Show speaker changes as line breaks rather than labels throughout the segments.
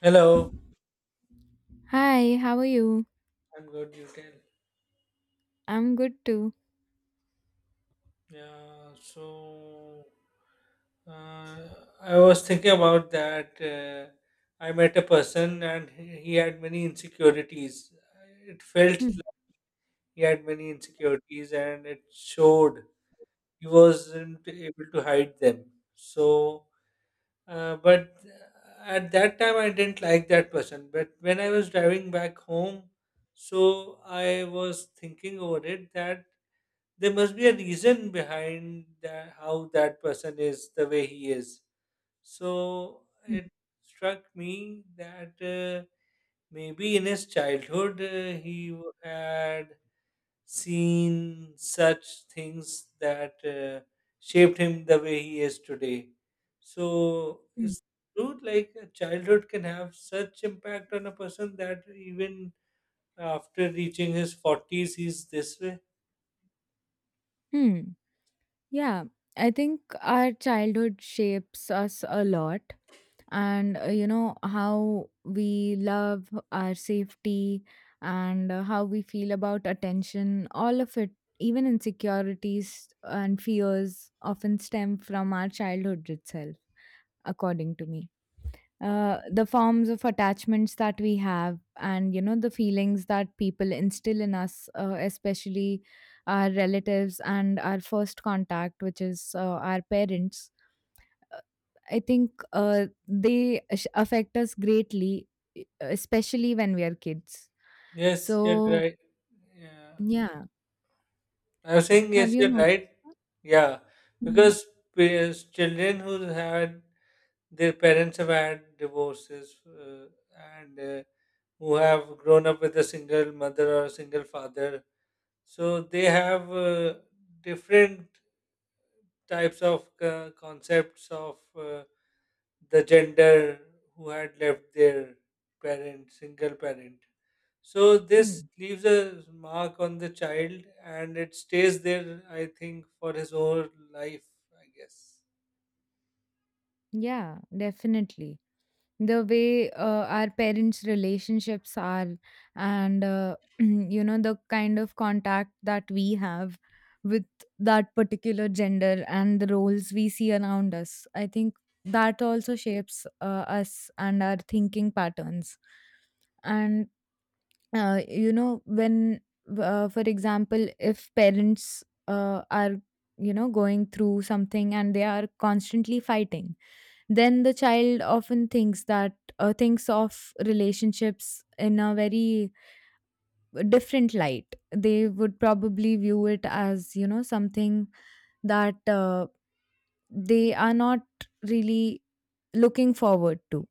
Hello,
Hi, how are you?
I'm good. You tell.
I'm good too.
Yeah, so uh, I was thinking about that. I met a person and he had many insecurities. It felt
Hmm,
like he had many insecurities and it showed he wasn't able to hide them. So, but at that time I didn't like that person. But when I was driving back home, so I was thinking over it that there must be a reason behind that, how that person is the way he is. So
hmm,
it struck me that maybe in his childhood he had seen such things that shaped him the way he is today. So
hmm.
it's true, like a childhood can have such impact on a person that even after reaching his 40s, he's this way.
Hmm. Yeah, I think our childhood shapes us a lot. And you know, how we love our safety, and how we feel about attention, all of it, even insecurities and fears, often stem from our childhood itself, according to me. The forms of attachments that we have, and you know the feelings that people instill in us, especially our relatives and our first contact, which is our parents. Uh, I think they affect us greatly, e- especially when we are kids,
Yes,
so
you're right. Yeah.
yeah,
I was saying
have
yes,
you
you're
noticed
right.
that?
Yeah,
Mhm.
because children who had their parents have had divorces and who have grown up with a single mother or a single father, so they have different types of concepts of. The gender who had left their parent, single parent. So this
Hmm.
leaves a mark on the child and it stays there, I think, for his whole life, I guess.
Yeah, definitely. The way our parents relationships are, and you know, the kind of contact that we have with that particular gender and the roles we see around us, I think that also shapes us and our thinking patterns. And you know, when for example, if parents are, you know, going through something and they are constantly fighting, then the child often thinks of relationships in a very different light. They would probably view it as, you know, something that they are not really looking forward to,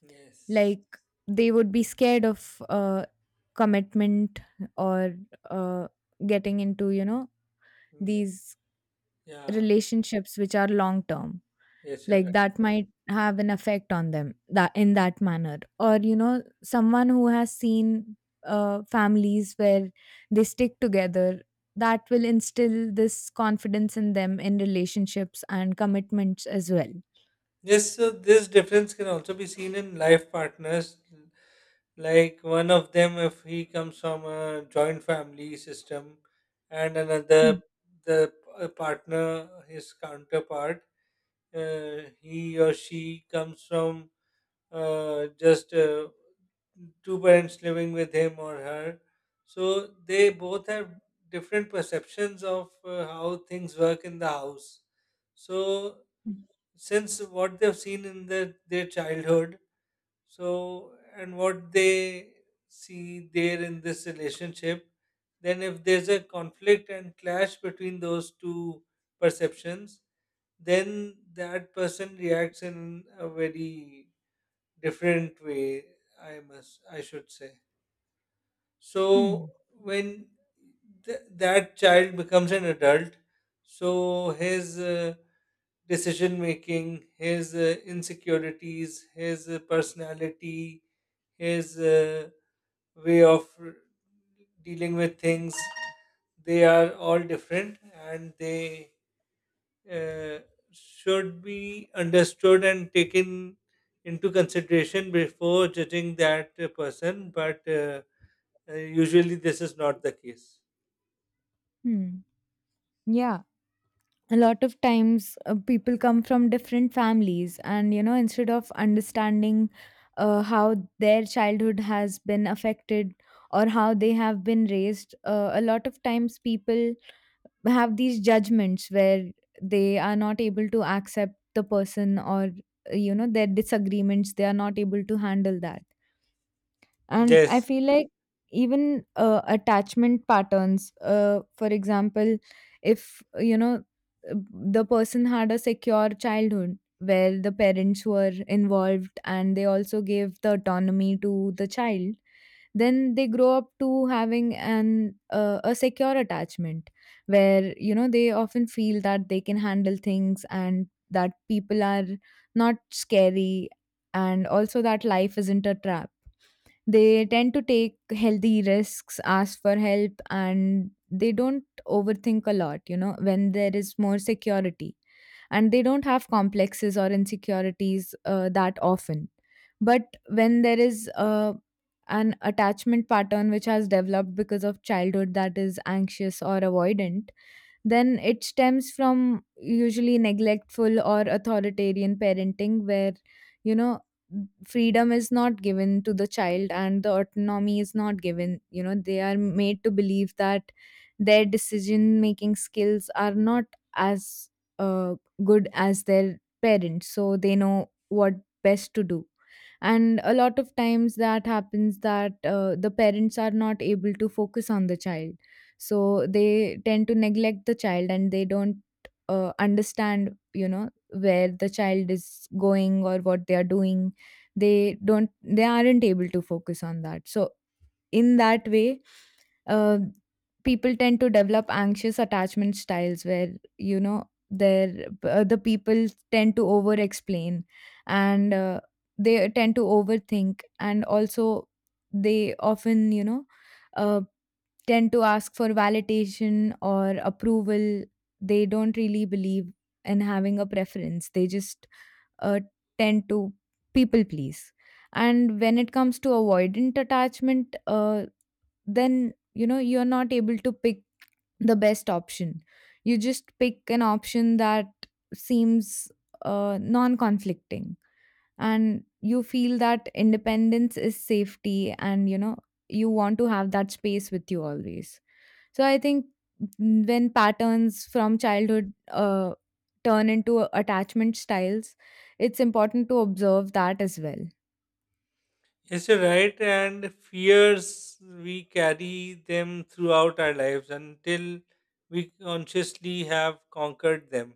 Yes.
like they would be scared of commitment, or uh, getting into, you know,
Mm,
these
yeah.
relationships which are long term.
Yes, you're
Like
right.
that might have an effect on them that in that manner. Or, you know, someone who has seen families where they stick together, that will instill this confidence in them in relationships and commitments as well.
Yes, so this difference can also be seen in life partners. Like one of them, if he comes from a joint family system, and another,
Hmm.
the partner, his counterpart he or she comes from just two parents living with him or her. So they both have different perceptions of how things work in the house. So since what they've seen in their childhood, so and what they see there in this relationship, then if there's a conflict and clash between those two perceptions, then that person reacts in a very different way, I must, I should say. So
Hmm.
when that child becomes an adult, so his decision making, his insecurities, his personality, his way of dealing with things, they are all different, and they uh, should be understood and taken into consideration before judging that person, but usually this is not the case.
Hmm. Yeah. A lot of times people come from different families, and you know, instead of understanding how their childhood has been affected or how they have been raised, a lot of times people have these judgments where they are not able to accept the person, or you know, their disagreements they are not able to handle that. And I
Yes,
feel like even attachment patterns, for example, if you know, the person had a secure childhood where the parents were involved and they also gave the autonomy to the child, then they grow up to having an a secure attachment, where you know, they often feel that they can handle things, and that people are not scary, and also that life isn't a trap. They tend to take healthy risks, ask for help, and they don't overthink a lot, you know, when there is more security. And they don't have complexes or insecurities that often. But when there is an attachment pattern which has developed because of childhood that is anxious or avoidant, then it stems from usually neglectful or authoritarian parenting where, you know, freedom is not given to the child and the autonomy is not given. You know, they are made to believe that their decision making skills are not as uh, good as their parents, so they know what best to do. And a lot of times that happens, that the parents are not able to focus on the child, so they tend to neglect the child. And they don't understand, you know, where the child is going or what they are doing. They aren't able to focus on that. So in that way, uh, people tend to develop anxious attachment styles where, you know, the people tend to over explain, and they tend to overthink, and also they often, uh, tend to ask for validation or approval. They don't really believe in having a preference. They just uh, tend to people please. And when it comes to avoidant attachment, then, you know, you're not able to pick the best option. You just pick an option that seems non-conflicting, and you feel that independence is safety, and you know, you want to have that space with you always. So I think when patterns from childhood turn into attachment styles, it's important to observe that as well.
yes, you're right. And fears, we carry them throughout our lives until we consciously have conquered them.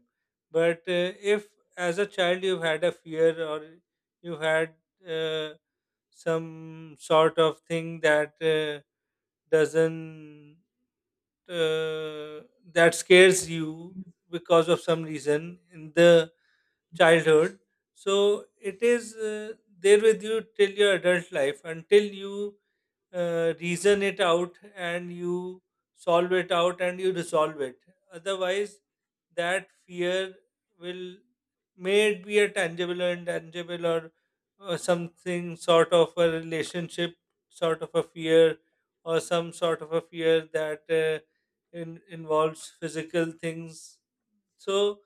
But if as a child you've had a fear or you've had uh, some sort of thing that doesn't uh, that scares you because of some reason in the childhood, so it is there with you till your adult life until you reason it out and you solve it out and you resolve it. Otherwise, that fear will, may it be a tangible or intangible or something sort of a relationship, sort of a fear, or some sort of a fear that involves physical things. So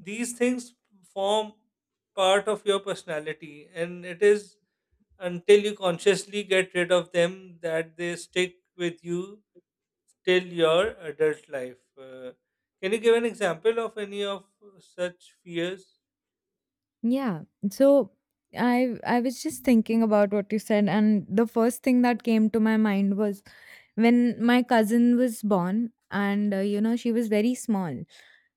these things form part of your personality, and it is until you consciously get rid of them that they stick with you till your adult life. Can you give an example of any of such fears?
Yeah. So I was just thinking about what you said, and the first thing that came to my mind was when my cousin was born, and you know, she was very small.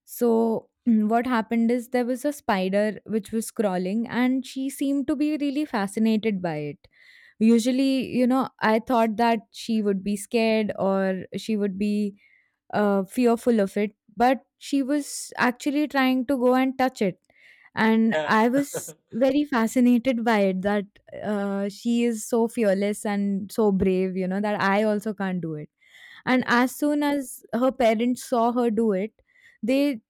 So what happened is there was a spider which was crawling, and she seemed to be really fascinated by it. Usually, you know, I thought that she would be scared, or she would be fearful of it, but she was actually trying to go and touch it, and
Yeah.
I was very fascinated by it, that she is so fearless and so brave, you know, that I also can't do it. And
Yeah.
as soon as her parents saw her do it, they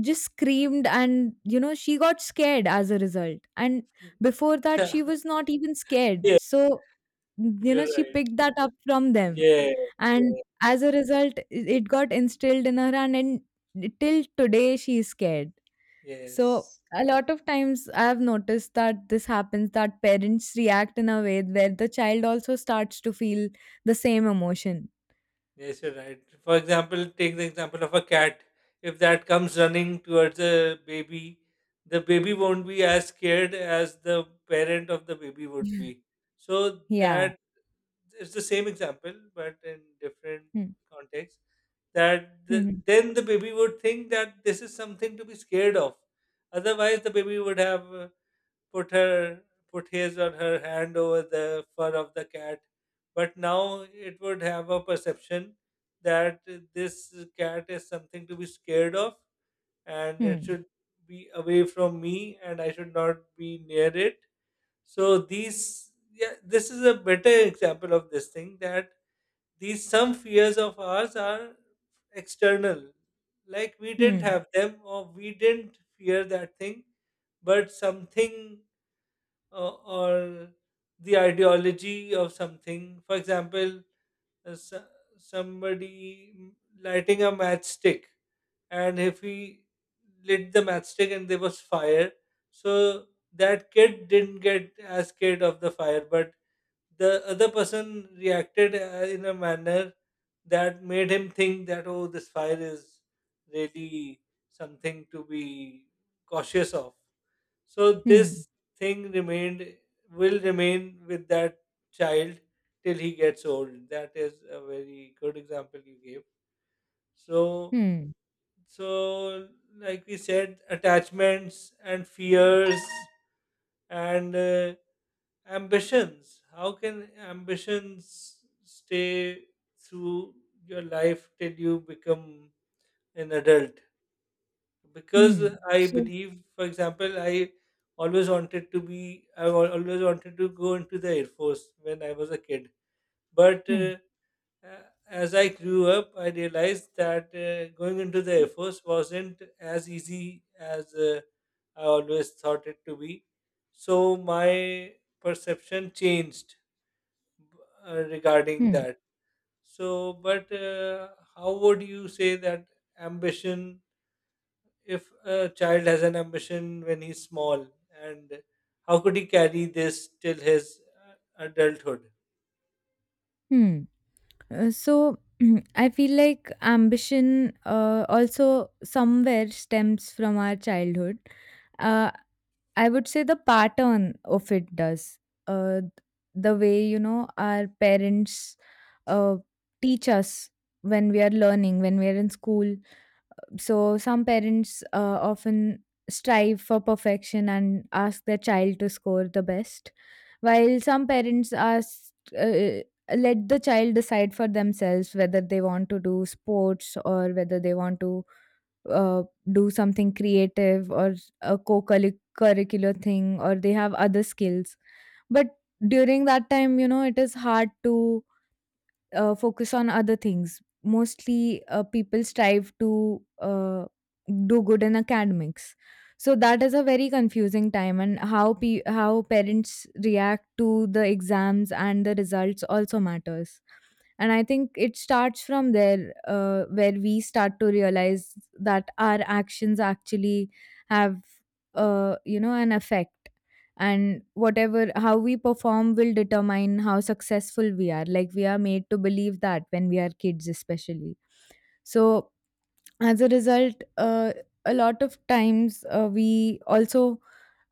just screamed, and you know, she got scared as a result. And before that, she
Yeah.
was not even scared.
Yeah.
So you
You're
know, she
right.
picked that up from them.
Yeah.
And
Yeah.
as a result, it got instilled in her, and till today she is scared. So
Yes.
a lot of times I've noticed that this happens, that parents react in a way where the child also starts to feel the same emotion.
Yes, you're right. For example, take the example of a cat. If that comes running towards a baby, the baby won't be as scared as the parent of the baby would be. So
Yeah.
that it's the same example but in different
Hmm.
context, that the,
Hmm.
then the baby would think that this is something to be scared of. Otherwise the baby would have put her put his or her hand over the fur of the cat, but now it would have a perception that this cat is something to be scared of and it
Hmm.
should be away from me and I should not be near it. So these, yeah, this is a better example of this thing, that these some fears of ours are external, like we didn't
Hmm.
have them or we didn't fear that thing, but something or the ideology of something. For example, uh, so- somebody lighting a matchstick, and if he lit the matchstick and there was fire, so that kid didn't get as scared of the fire, but the other person reacted in a manner that made him think that, oh, this fire is really something to be cautious of. So
Hmm.
this thing remained, will remain with that child till he gets old. That is a very good example you gave. So,
Hmm.
so like we said, attachments and fears and ambitions, how can ambitions stay through your life till you become an adult? Because
Hmm.
I
So.
believe, for example, I always wanted to go into the air force when I was a kid, but
Hmm.
uh, uh, as I grew up I realized that going into the air force wasn't as easy as I always thought it to be. So my perception changed, b- regarding
Hmm.
that. So, but how would you say that ambition, if a child has an ambition when he's small, and how could he carry this till his uh, adulthood?
Hmm. So, I feel like ambition also somewhere stems from our childhood. Uh, I would say the pattern of it does. Uh, the way, you know, our parents uh, teach us when we are learning, when we are in school. So, some parents often strive for perfection and ask their child to score the best. While some parents are uh, let the child decide for themselves whether they want to do sports, or whether they want to uh, do something creative, or a co-curricular thing, or they have other skills. But during that time, you know, it is hard to focus on other things. Mostly, people strive to do good in academics. So that is a very confusing time, and how parents react to the exams and the results also matters. And I think it starts from there, where we start to realize that our actions actually have you know, an effect, and whatever, how we perform will determine how successful we are, like we are made to believe that when we are kids especially. So as a result, a lot of times we also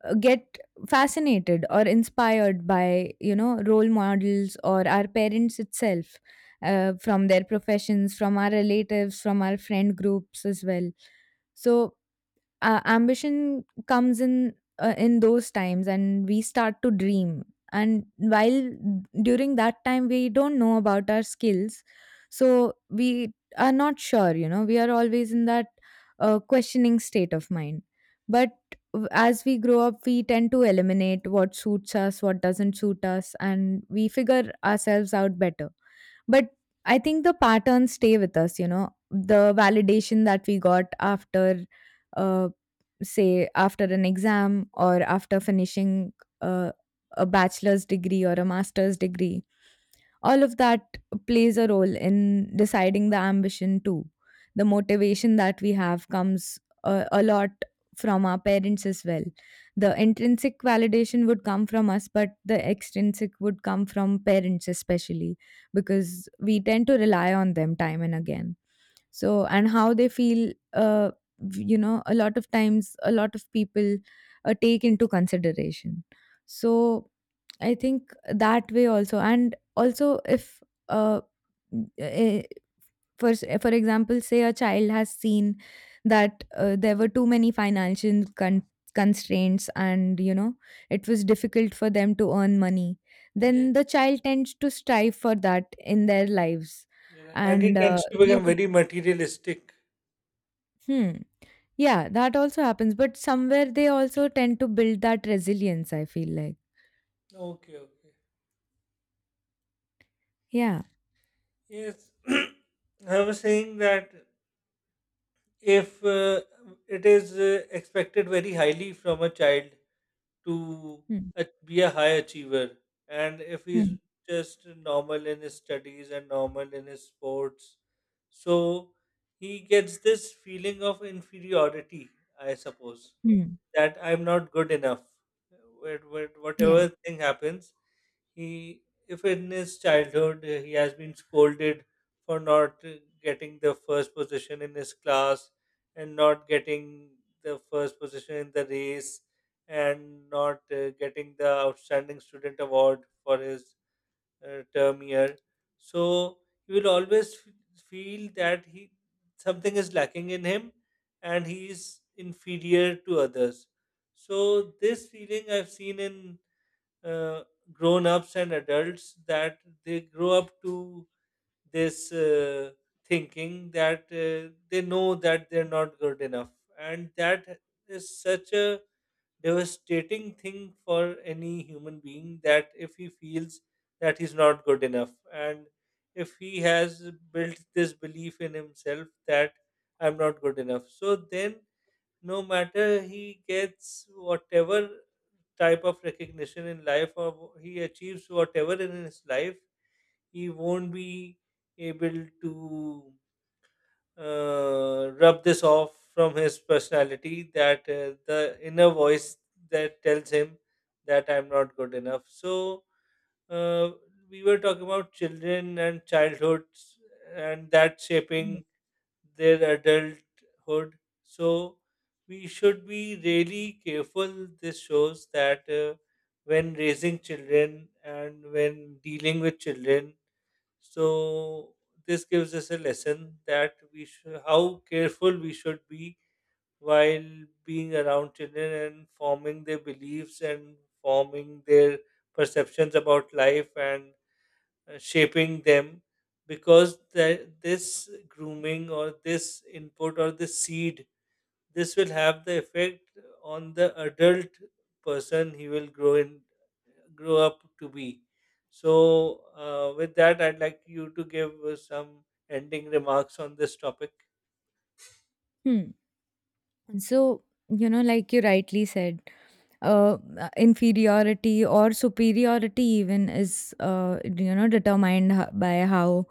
get fascinated or inspired by, you know, role models or our parents itself, from their professions, from our relatives, from our friend groups as well. So ambition comes in those times, and we start to dream. And while during that time we don't know about our skills, so we are not sure, you know, we are always in that questioning state of mind. But as we grow up, we tend to eliminate what suits us, what doesn't suit us, and we figure ourselves out better. But I think the patterns stay with us, you know, the validation that we got after, uh, say after an exam, or after finishing uh, a bachelor's degree or a master's degree, all of that plays a role in deciding the ambition too. The motivation that we have comes a lot from our parents as well. The intrinsic validation would come from us, but the extrinsic would come from parents especially, because we tend to rely on them time and again. So and how they feel, you know, a lot of times a lot of people take into consideration. So I think, that way also, and also if uh, eh, for example, say a child has seen that there were too many financial constraints, and you know, it was difficult for them to earn money,
Yeah.
then the child tends to strive for that in their lives.
You and
And
he tends to
they
become
would.
very materialistic.
Hmm. Yeah, that also happens, but somewhere they also tend to build that resilience, I feel like.
Okay, okay.
Yeah.
Yes, I was saying that if it is expected very highly from a child to
Hmm.
be a high achiever. And if he's
Hmm.
just normal in his studies and normal in his sports, so he gets this feeling of inferiority, I suppose,
Hmm.
that I'm not good enough.
Yeah.
Whatever thing happens, he, if in his childhood he has been scolded for not getting the first position in his class and not getting the first position in the race and not getting the outstanding student award for his term year. So he will always feel that he, something is lacking in him and he is inferior to others. So this feeling I've seen in uh, grown ups and adults, that they grow up to this thinking that they know that they're not good enough. And that is such a devastating thing for any human being, that if he feels that he's not good enough and if he has built this belief in himself that I'm not good enough. So then no matter he gets whatever type of recognition in life or he achieves whatever in his life, he won't be able to rub this off from his personality, that the inner voice that tells him that I'm not good enough. So uh, we were talking about children and childhoods and that
Hmm.
shaping their adulthood. So we should be really careful. This shows that when raising children and when dealing with children, so this gives us a lesson that we should, how careful we should be while being around children and forming their beliefs and forming their perceptions about life and shaping them, because that this grooming or this input or this seed, this will have the effect on the adult person he will grow in, grow up to be. So with that I'd like you to give some ending remarks on this topic.
Hmm. So, you know, like you rightly said, inferiority or superiority even is, you know, determined by how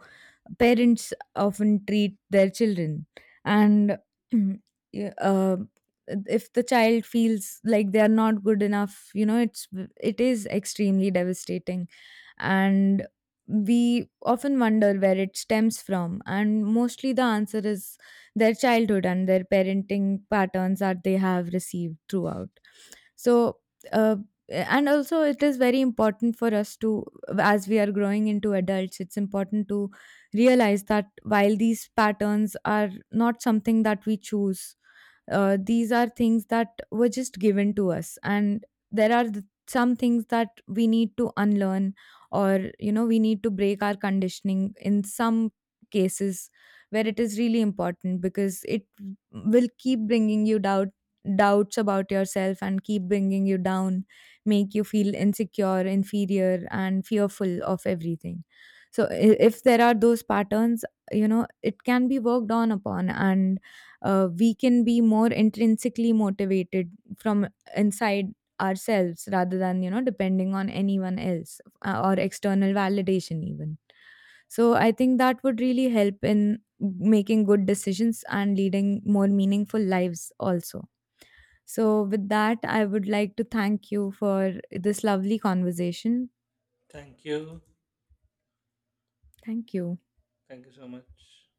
parents often treat their children. And yeah, if the child feels like they are not good enough, you know, it is extremely devastating, and we often wonder where it stems from, and mostly the answer is their childhood and their parenting patterns that they have received throughout. So uh, and also it is very important for us to, as we are growing into adults, it's important to realize that while these patterns are not something that we choose, these are things that were just given to us. And there are some things that we need to unlearn, or you know, we need to break our conditioning in some cases, where it is really important, because it will keep bringing you doubts about yourself and keep bringing you down, make you feel insecure, inferior, and fearful of everything. So if there are those patterns, you know, it can be worked on upon, and we can be more intrinsically motivated from inside ourselves rather than, you know, depending on anyone else, or external validation even. So I think that would really help in making good decisions and leading more meaningful lives also. So with that, I would like to thank you for this lovely conversation.
Thank you.
Thank you.
Thank you so much.